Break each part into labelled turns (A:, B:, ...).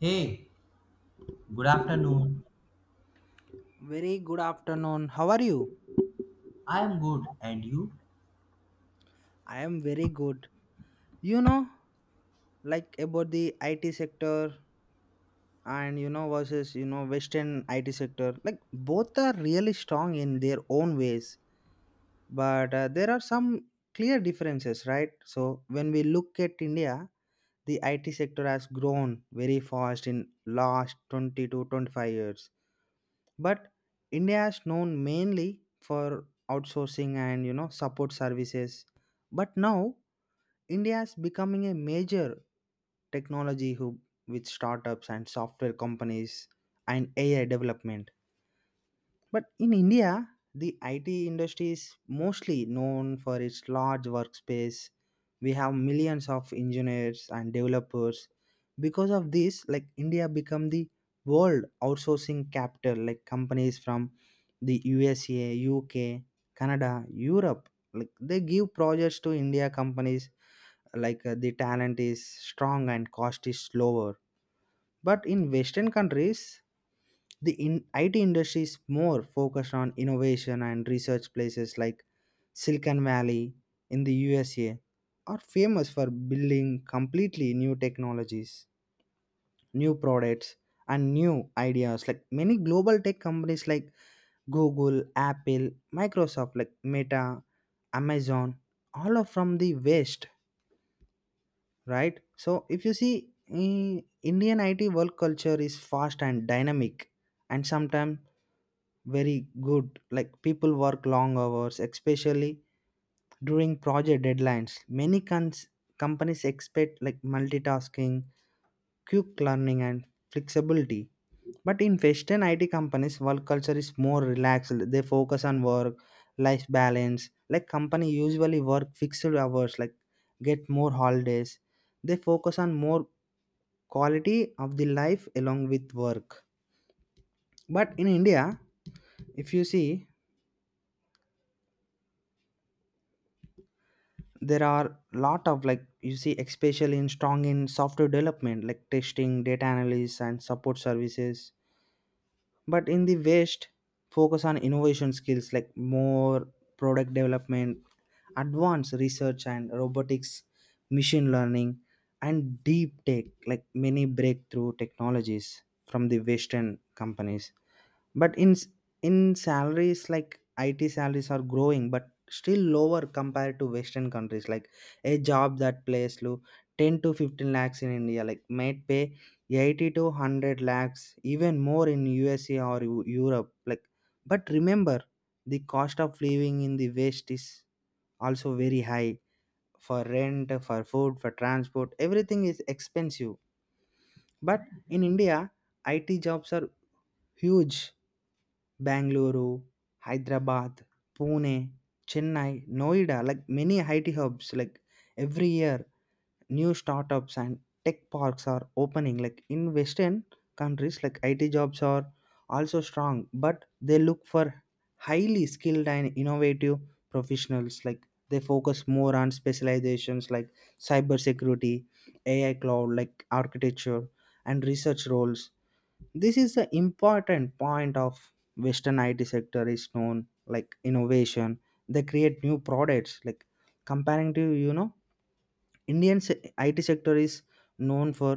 A: Hey, good afternoon.
B: Very good afternoon. How are you?
A: I am good, and you?
B: I am very good. You know, like about the IT sector and versus Western IT sector. Like both are really strong in their own ways, but there are some clear differences, right? So when we look at India, the IT sector has grown very fast in last 20 to 25 years, but India is known mainly for outsourcing and support services, but now India is becoming a major technology hub with startups and software companies and AI development. But in India, the IT industry is mostly known for its large workspace. We have millions of engineers and developers. Because of this, like India become the world outsourcing capital, like companies from the USA, UK, Canada, Europe, like they give projects to India companies like the talent is strong and cost is lower, but in western countries the IT industry is more focused on innovation and research. Places like Silicon Valley in the USA are famous for building completely new technologies, new products, and new ideas, like many global tech companies like Google, Apple, Microsoft, like Meta, Amazon, all are from the west, right? So if you see, Indian IT work culture is fast and dynamic, and sometimes very good, like people work long hours, especially during project deadlines. Many companies expect like multitasking, quick learning, and flexibility. But in Western IT companies, work culture is more relaxed. They focus on work life balance, like company usually work fixed hours, like get more holidays. They focus on more quality of the life along with work. But in India, if you see, there are lot of, like, you see, especially in strong in software development, like testing, data analysis, and support services. But in the west, focus on innovation skills, like more product development, advanced research, and robotics, machine learning, and deep tech, like many breakthrough technologies from the western companies. But in salaries, like IT salaries are growing but still lower compared to western countries. Like a job that pays low 10 to 15 lakhs in India, like might pay 80 to 100 lakhs, even more in USA or Europe, like. But remember, the cost of living in the west is also very high. For rent, for food, for transport, everything is expensive. But in India, IT jobs are huge. Bangalore, Hyderabad, Pune, Chennai, Noida, like many IT hubs. Like every year new startups and tech parks are opening. Like in western countries, like IT jobs are also strong, but they look for highly skilled and innovative professionals. Like they focus more on specializations like cybersecurity, AI, cloud, like architecture and research roles. This is the important point of western IT sector is known, like innovation. They create new products, like comparing to Indian se- IT sector is known for,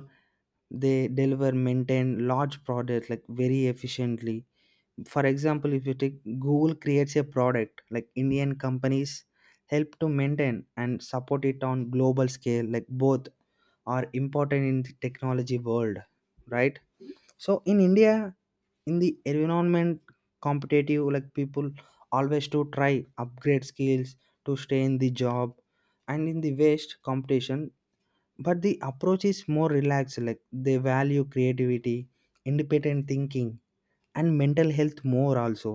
B: they deliver maintain large products like very efficiently. For example, if you take Google creates a product, like Indian companies help to maintain and support it on global scale, like both are important in the technology world, right? So in India, in the environment competitive, like people always to try upgrade skills to stay in the job and in the waste competition. But the approach is more relaxed, like they value creativity, independent thinking, and mental health more also.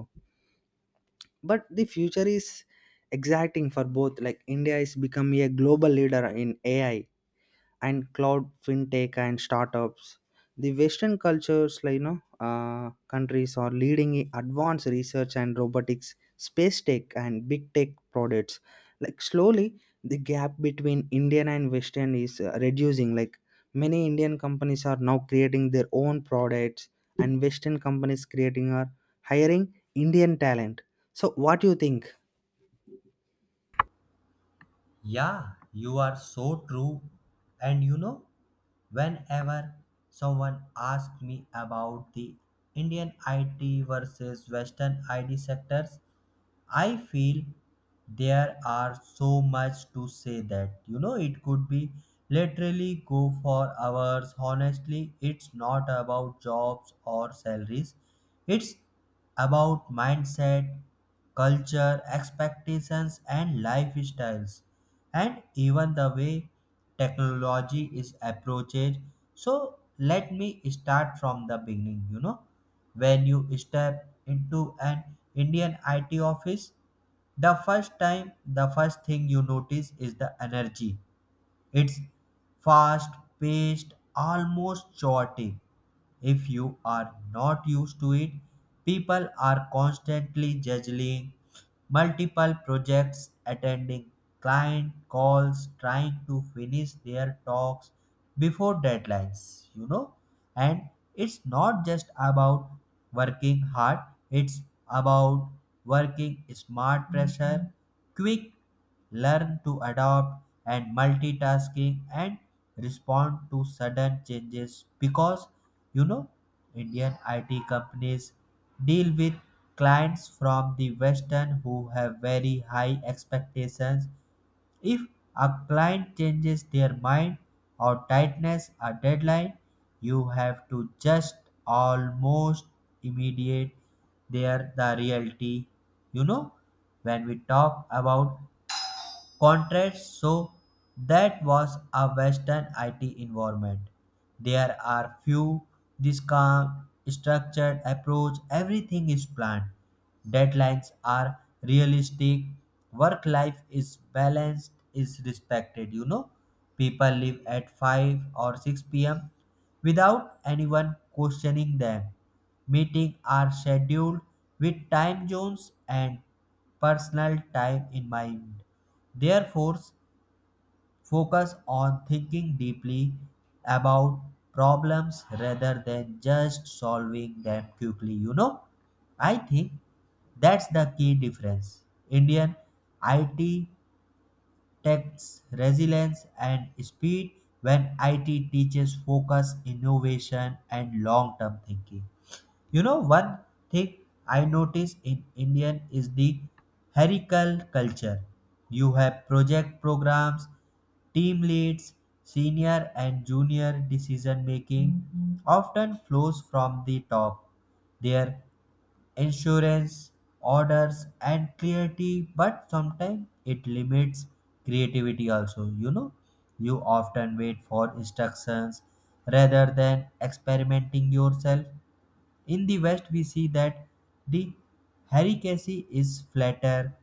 B: But the future is exciting for both, like India is becoming a global leader in AI and cloud, fintech, and startups. The western cultures, like countries are leading in advanced research and robotics, space tech, and big tech products. Like slowly the gap between Indian and western is reducing, like many Indian companies are now creating their own products, and western companies creating are hiring Indian talent. So what do you think?
A: Yeah, you are so true. And you know, whenever someone asks me about the Indian IT versus Western IT sectors, I feel there are so much to say that you know it could be literally go for hours. Honestly, it's not about jobs or salaries, it's about mindset, culture, expectations, and lifestyles, and even the way technology is approached. So let me start from the beginning. You know, when you step into an Indian IT office, the first thing you notice is the energy. It's fast paced, almost chaotic. If you are not used to it, people are constantly juggling multiple projects, attending client calls, trying to finish their talks before deadlines, you know. And it's not just about working hard, it's about working smart pressure, quick learn to adapt and multitasking and respond to sudden changes, because you know Indian IT companies deal with clients from the western who have very high expectations. If a client changes their mind or tightness a deadline, you have to just almost immediate, there the reality, you know. When we talk about contrast, so that was a Western IT environment. There are few this calm, structured approach, everything is planned. Deadlines are realistic, work life is balanced, is respected, you know. People leave at 5 or 6 p.m. without anyone questioning them. Meetings are scheduled with time zones and personal time in mind. Therefore, focus on thinking deeply about problems rather than just solving them quickly. You know, I think that's the key difference. Indian IT takes resilience and speed, when IT teaches focus, innovation, and long term thinking. You know, one thing I notice in Indian is the hierarchical culture. You have project programs, team leads, senior and junior decision making often flows from the top. There insurance, orders, and clarity, but sometimes it limits creativity also. You know, you often wait for instructions rather than experimenting yourself. In the West, we see that the hierarchy is flatter;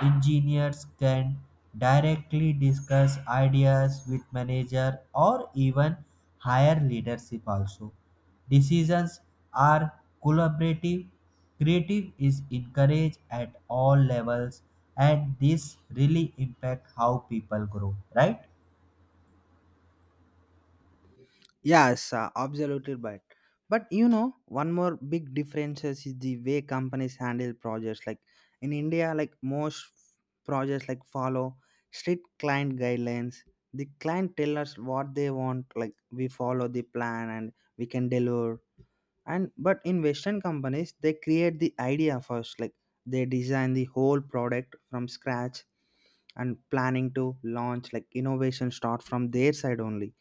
A: engineers can directly discuss ideas with manager or even higher leadership also. Decisions are collaborative. Creative is encouraged at all levels, and this really impact how people grow, right?
B: Yes, absolutely right. But you know, one more big difference is the way companies handle projects. Like in India, like most projects like follow strict client guidelines. The client tell us what they want, like we follow the plan and we can deliver. And but in Western companies, they create the idea first, like they design the whole product from scratch and planning to launch. Like innovation start from their side only.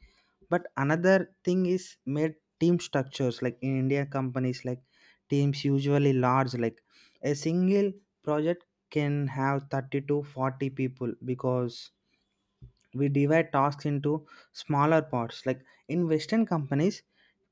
B: But another thing is made team structures, like in India companies, like teams usually large, like a single project can have 30 to 40 people because we divide tasks into smaller parts. Like in western companies,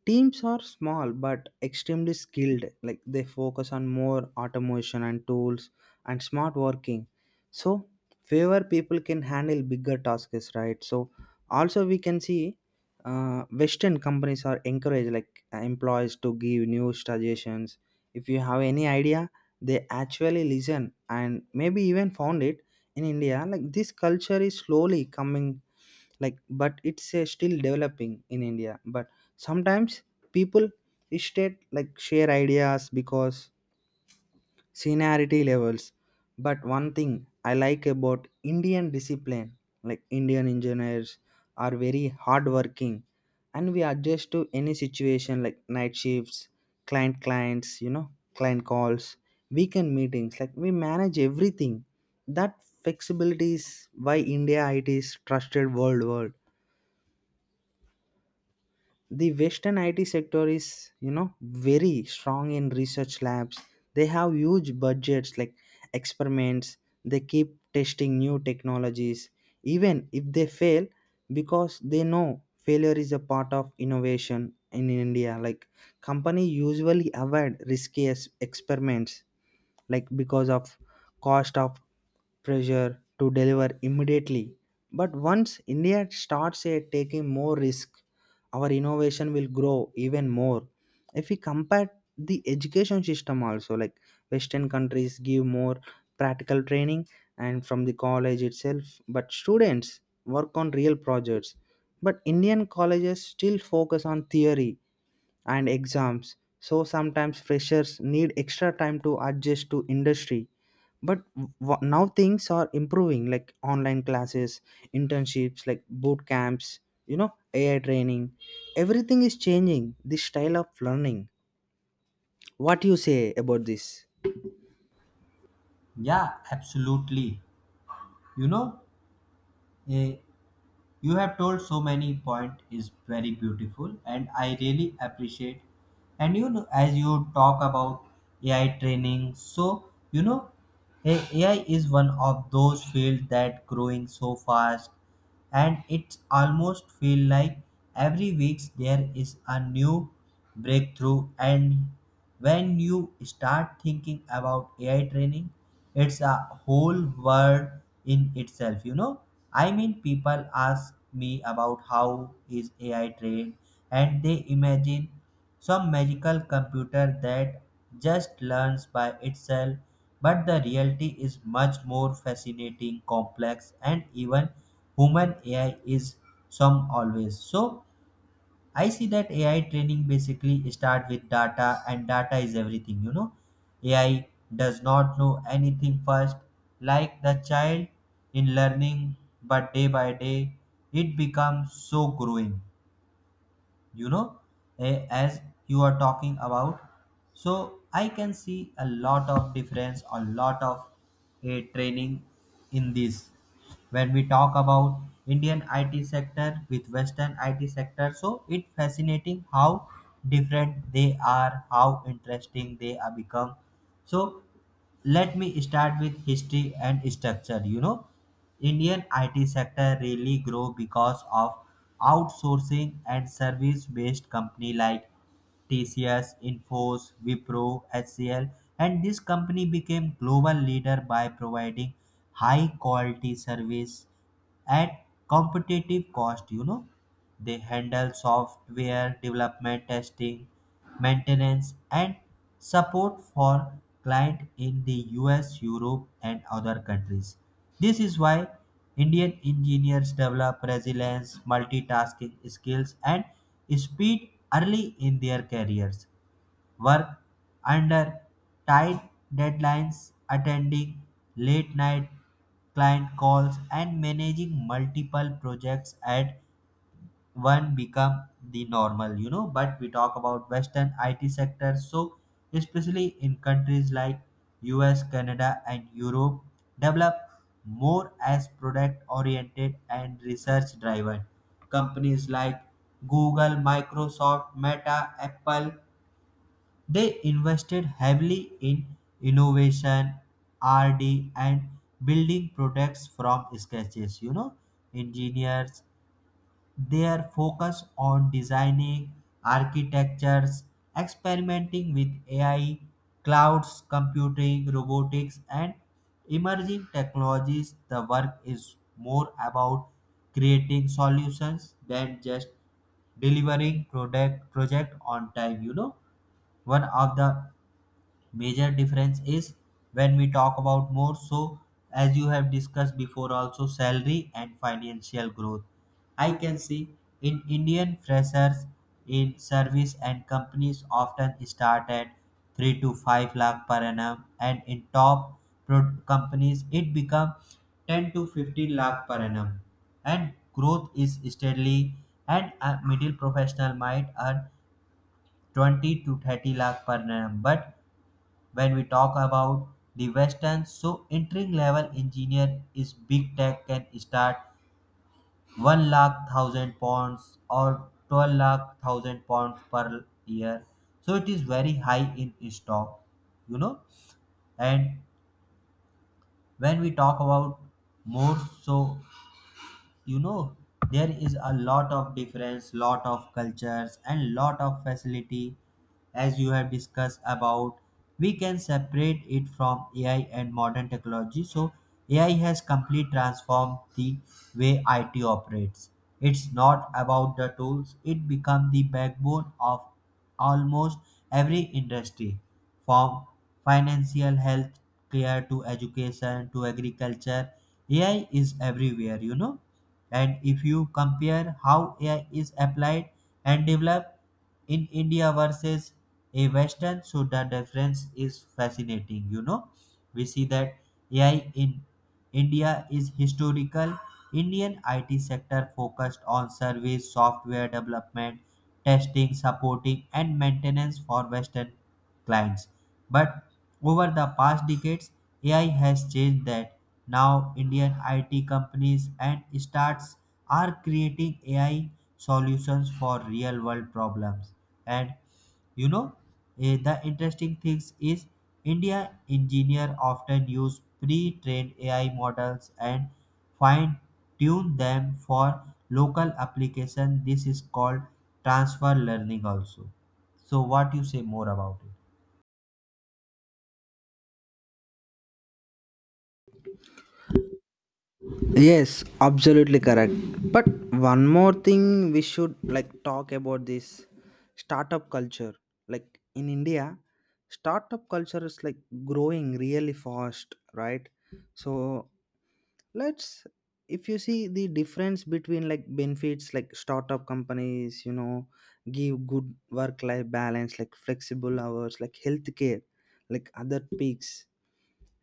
B: teams are small but extremely skilled. Like they focus on more automation and tools and smart working. So fewer people can handle bigger tasks, right? So also we can see, Western companies are encouraged like employees to give new suggestions. If you have any idea, they actually listen and maybe even found it. In India, like this culture is slowly coming, like but it's still developing in India. But sometimes people state like share ideas because seniority levels. But one thing I like about Indian discipline, like Indian engineers are very hardworking and we adjust to any situation, like night shifts, clients, you know, client calls, weekend meetings, like we manage everything. That flexibility is why India IT is trusted worldwide. The western IT sector is, you know, very strong in research labs. They have huge budgets, like experiments. They keep testing new technologies, even if they fail, because they know failure is a part of innovation. In India, like company usually avoid risky experiments, like because of cost of pressure to deliver immediately. But once India starts taking more risk, our innovation will grow even more. If we compare the education system also, like western countries give more practical training and from the college itself, but students work on real projects. But Indian colleges still focus on theory and exams, so sometimes freshers need extra time to adjust to industry. But now things are improving, like online classes, internships, like boot camps, you know, AI training. Everything is changing the style of learning. What you say about this?
A: Yeah, absolutely. You know, eh, you have told so many point is very beautiful and I really appreciate. And you know, as you talk about AI training, so you know, AI is one of those fields that growing so fast, and it's almost feel like every week there is a new breakthrough. And when you start thinking about AI training, it's a whole world in itself, you know. I mean, people ask me about how is AI trained, and they imagine some magical computer that just learns by itself, but the reality is much more fascinating complex and even human AI is some always. So I see that AI training basically start with data, and data is everything, you know. AI does not know anything first, like the child in learning, but day by day it becomes so growing, you know. As you are talking about, so I can see a lot of difference, a lot of training in this. When we talk about Indian IT sector with Western IT sector, so it fascinating how different they are, how interesting they are become. So let me start with history and structure. You know, Indian IT sector really grow because of outsourcing and service based company like TCS, Infos, Wipro, HCL, and this company became global leader by providing high quality service at competitive cost. You know, they handle software development, testing, maintenance, and support for clients in the US, Europe, and other countries. This is why Indian engineers develop resilience, multitasking skills, and speed early in their careers. Work under tight deadlines, attending late night client calls, and managing multiple projects at one become the normal, you know. But we talk about Western IT sector, so especially in countries like US, Canada, and Europe, develop more as product oriented and research driven companies like Google, Microsoft, Meta, Apple. They invested heavily in innovation, RD and building products from sketches, you know. Engineers their focus on designing architectures, experimenting with AI, clouds computing, robotics, and emerging technologies, the work is more about creating solutions than just delivering product project on time, you know. One of the major difference is, when we talk about more, so as you have discussed before also, salary and financial growth, I can see in Indian freshers in service and companies often start at 3 to 5 lakh per annum, and in top companies it become 10 to 15 lakh per annum, and growth is steadily, and a middle professional might earn 20 to 30 lakh per annum. But when we talk about the western, so entry level engineer is big tech can start 1 lakh £1,000 or 12 lakh £1,000 per year, so it is very high in stock, you know. And when we talk about more, so you know, there is a lot of difference, lot of cultures and lot of facility. As you have discussed about, we can separate it from AI and modern technology. So AI has completely transformed the way it operates. It's not about the tools, it become the backbone of almost every industry, from financial health care to education to agriculture. AI is everywhere, you know. And if you compare how AI is applied and developed in India versus a Western, so the difference is fascinating. You know, we see that AI in India is historical. Indian IT sector focused on service, software development, testing, supporting, and maintenance for Western clients. But over the past decades, AI has changed that. Now, Indian IT companies and startups are creating AI solutions for real world problems. And you know, the interesting things is India engineer often use pre-trained AI models and fine tune them for local application. This is called transfer learning also. So what you say more about it?
B: Yes, absolutely correct. But one more thing we should like talk about this startup culture. Like in India, startup culture is like growing really fast, right? So let's, if you see the difference between like benefits, like startup companies, you know, give good work life balance, like flexible hours, like healthcare, like other peaks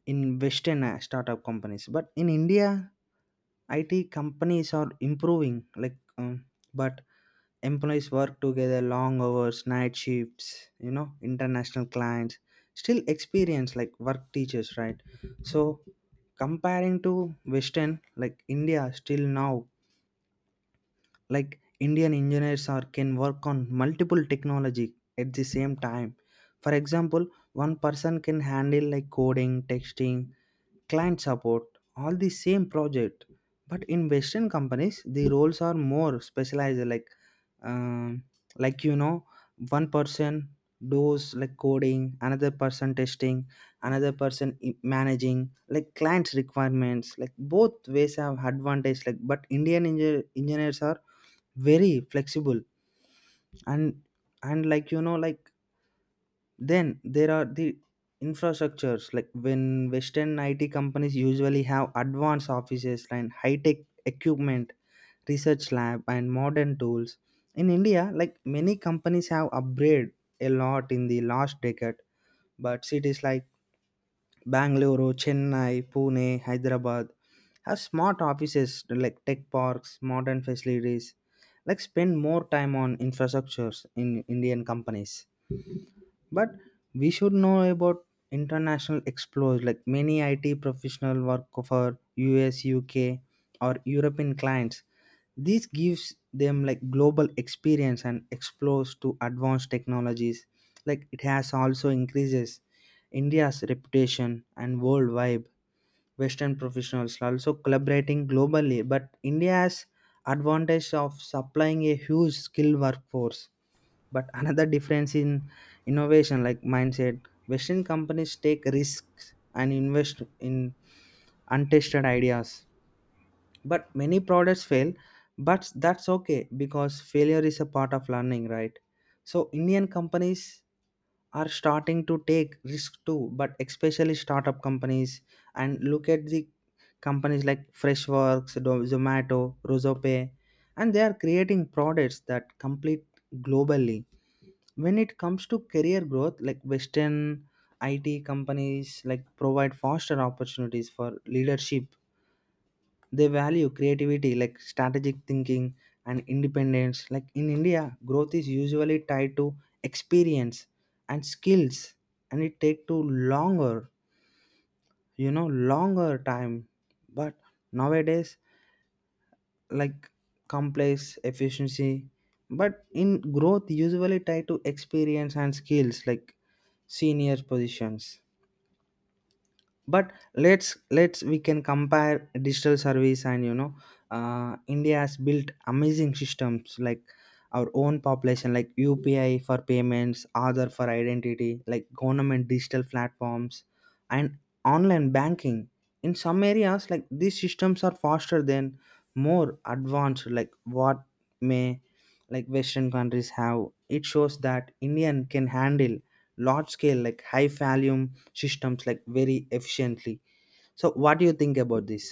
B: in Western startup companies. But in India, IT companies are improving, like, but employees work together long hours, night shifts, you know, international clients, still experience like work teachers, right? So, comparing to Western, like India, still now, like Indian engineers are can work on multiple technology at the same time. For example, one person can handle like coding, texting, client support, all the same project, but in western companies the roles are more specialized, like, um, like, you know, one person does like coding, another person testing, another person managing like clients requirements. Like both ways have advantage, like but Indian engineers are very flexible, and and, like, you know, like then there are the infrastructures, like when Western IT companies usually have advanced offices and high tech equipment, research lab, and modern tools. In India, like many companies have upgraded a lot in the last decade, but cities like Bangalore, Chennai, Pune, Hyderabad have smart offices, like tech parks, modern facilities, like spend more time on infrastructures in Indian companies. But we should know about international explorers, like many IT professional work for US, UK, or European clients. This gives them like global experience and explores to advanced technologies. Like it has also increases India's reputation and worldwide. Western professionals are also collaborating globally, but India has advantage of supplying a huge skilled workforce. But another difference in innovation, like mindset, western companies take risks and invest in untested ideas, but many products fail. But that's okay because failure is a part of learning, right? So Indian companies are starting to take risk too, but especially startup companies. And look at the companies like Freshworks, Zomato, Rosope, and they are creating products that complete globally. When it comes to career growth, like western IT companies like provide faster opportunities for leadership. They value creativity, like strategic thinking and independence. Like in India, growth is usually tied to experience and skills, and it take to longer, you know, longer time. But nowadays, like complex efficiency, but in growth usually tied to experience and skills, like senior positions. But let's we can compare digital service, and you know, India has built amazing systems, like our own population, like UPI for payments, other for identity, like government digital platforms and online banking. In some areas, like these systems are faster than more advanced, like what may, like western countries have. It shows that Indian can handle large scale, like high volume systems, like very efficiently. So what do you think about this?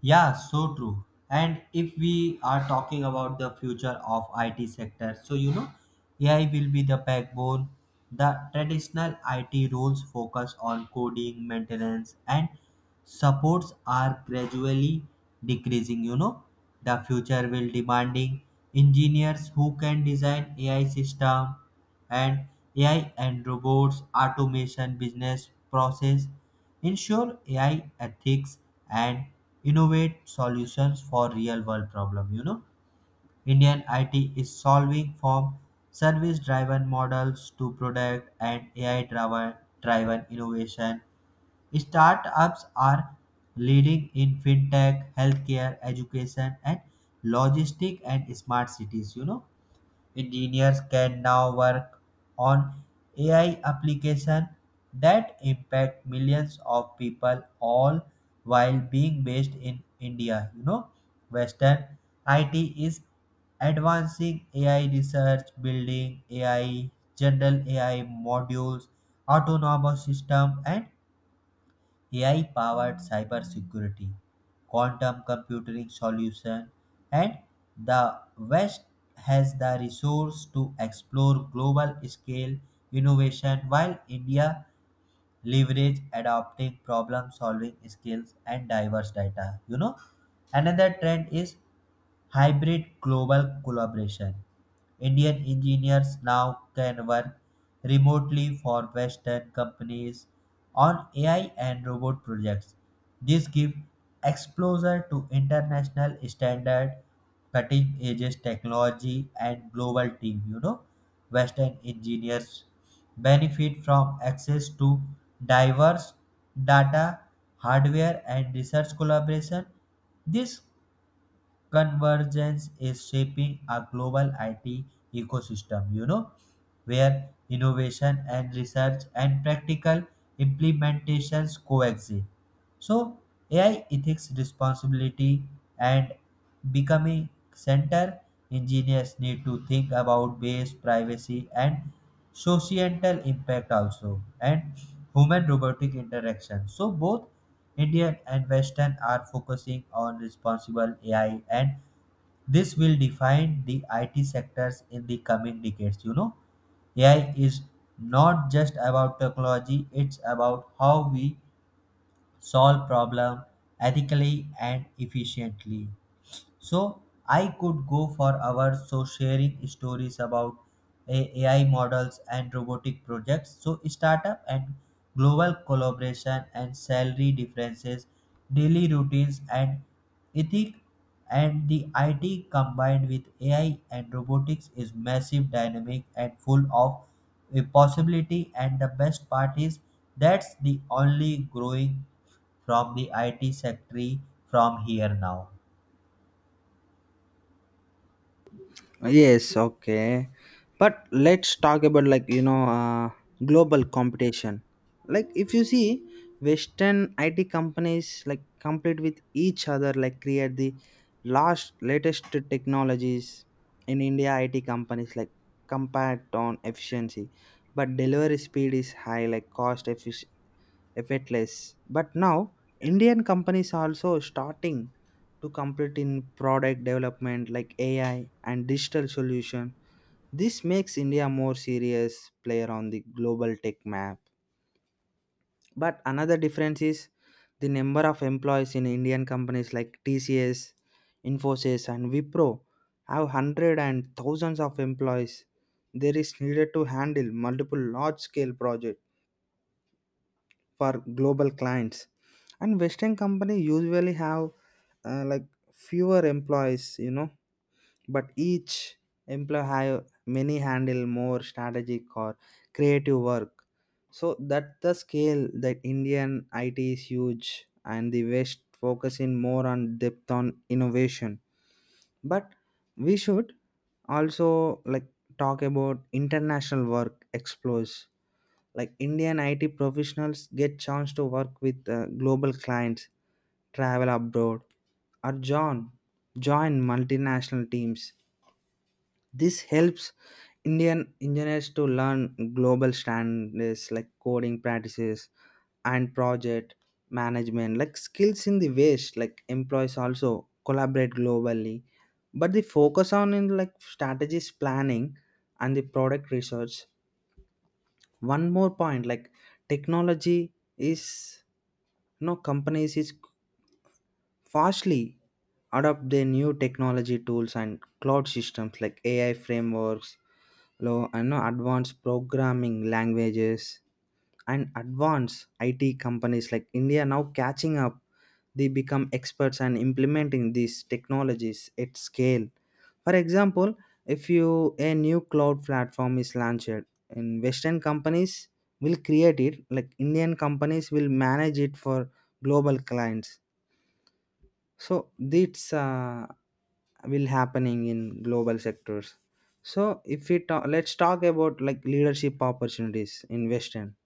A: Yeah, so true. And if we are talking about the future of IT sector, so you know, AI will be the backbone. The traditional IT roles focus on coding, maintenance, and supports are gradually decreasing. You know, the future will demanding engineers who can design AI system and AI and robots, automation, business process, ensure AI ethics and innovate solutions for real world problem. You know, Indian IT is solving from service driven models to product and AI driven innovation. Startups are leading in fintech, healthcare, education, and logistic and smart cities. You know, engineers can now work on AI applications that impact millions of people all while being based in India. You know, Western IT is advancing AI research, building AI, general AI modules, autonomous system, and AI powered cybersecurity, quantum computing solution, and the West has the resource to explore global scale innovation while India leverage adopting problem solving skills and diverse data. You know, another trend is hybrid global collaboration. Indian engineers now can work remotely for Western companies on AI and robot projects. This gives exposure to international standard, cutting edge technology, and global team. You know, Western engineers benefit from access to diverse data, hardware, and research collaboration. This convergence is shaping a global IT ecosystem, you know, where innovation and research and practical implementations coexist. So AI ethics responsibility and becoming center, engineers need to think about bias, privacy and societal impact also and human robotic interaction. So both Indian and Western are focusing on responsible AI, and this will define the IT sectors in the coming decades, you know. AI is not just about technology, it's about how we solve problem ethically and efficiently. So I could go for hours so sharing stories about AI models and robotic projects. So startup and global collaboration and salary differences, daily routines and ethic and the IT combined with AI and robotics is massive dynamic and full of a possibility, and the best part is that's the only growing from the IT sector from here now.
B: Yes, okay. But let's talk about, like, you know, global competition. Like if you see Western IT companies like compete with each other, like create the last latest technologies. In India, IT companies like compete on efficiency, but delivery speed is high, like cost efficiency effortless. But now Indian companies are also starting to compete in product development, like AI and digital solution. This makes India more serious player on the global tech map. But another difference is the number of employees in Indian companies like TCS, Infosys, and Wipro have hundred and thousands of employees. There is needed to handle multiple large scale projects for global clients, and western company usually have like fewer employees, you know, but each employee have many handle more strategic or creative work. So that the scale that Indian IT is huge and the west focusing more on depth on innovation. But we should also like talk about international work explores, like Indian IT professionals get chance to work with global clients, travel abroad, or join multinational teams. This helps Indian engineers to learn global standards, like coding practices and project management, like skills, in the ways like employees also collaborate globally, but the focus on in like strategies planning and the product research. One more point, like, technology is, you know, companies is fastly adopt their new technology tools and cloud systems, like AI frameworks, low and know advanced programming languages and advanced IT companies, like India now catching up. They become experts and implementing these technologies at scale. For example, if you a new cloud platform is launched, in Western companies will create it, like Indian companies will manage it for global clients. So this will happening in global sectors. So if we talk, let's talk about, like, leadership opportunities in Western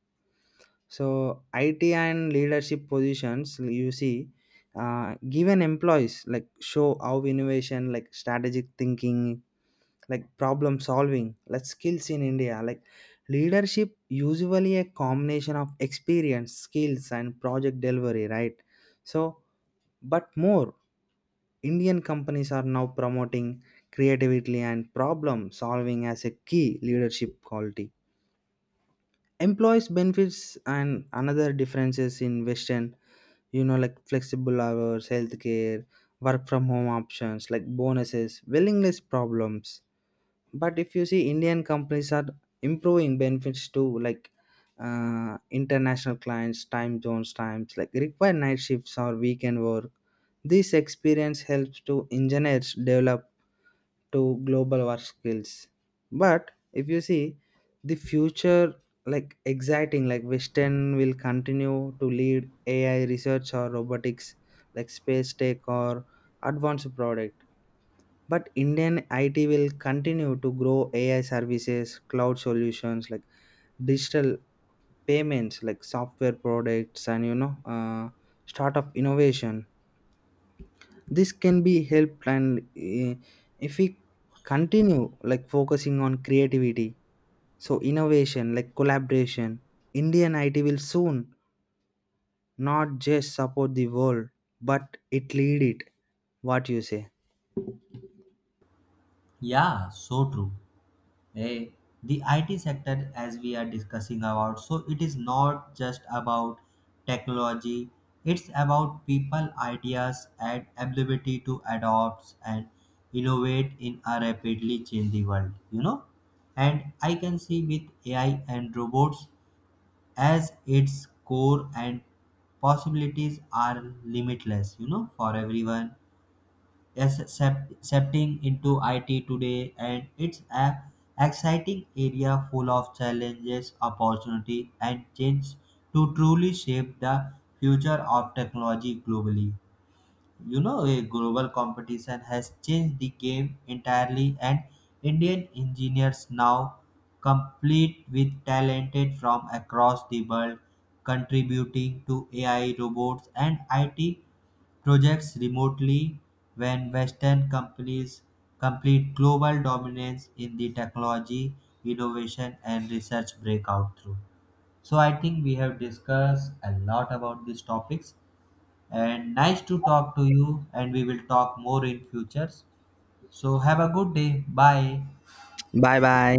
B: so IT and leadership positions, you see, given employees like show how innovation, like strategic thinking, like problem solving, like skills. In India, like leadership usually a combination of experience, skills, and project delivery, right? So but more Indian companies are now promoting creativity and problem solving as a key leadership quality. Employees benefits and another differences in western, you know, like flexible hours, healthcare, work from home options, like bonuses, willingness problems. But if you see, Indian companies are improving benefits to, like, international clients time zones times, like require night shifts or weekend work. This experience helps to engineers develop to global work skills. But if you see the future, like exciting, like western will continue to lead AI research or robotics, like space tech or advanced product. But Indian IT will continue to grow AI services, cloud solutions, like digital payments, like software products, and you know start of innovation. This can be helped, and if we continue like focusing on creativity, so innovation like collaboration, Indian IT will soon not just support the world but it lead it. What you say?
A: Yeah, so true. Eh, the IT sector, as we are discussing about, so it is not just about technology, it's about people, ideas, and ability to adopt and innovate in a rapidly changing world, you know. And I can see with AI and robots as its core and possibilities are limitless, you know, for everyone yes, septing into IT today, and it's a exciting area full of challenges, opportunity, and change to truly shape the future of technology globally. You know, a global competition has changed the game entirely, and Indian engineers now complete with talented from across the world, contributing to AI robots and IT projects remotely. When Western companies complete global dominance in the technology, innovation, and research breakout through. So I think we have discussed a lot about these topics and nice to talk to you and we will talk more in futures. So have a good day. Bye.
B: Bye bye.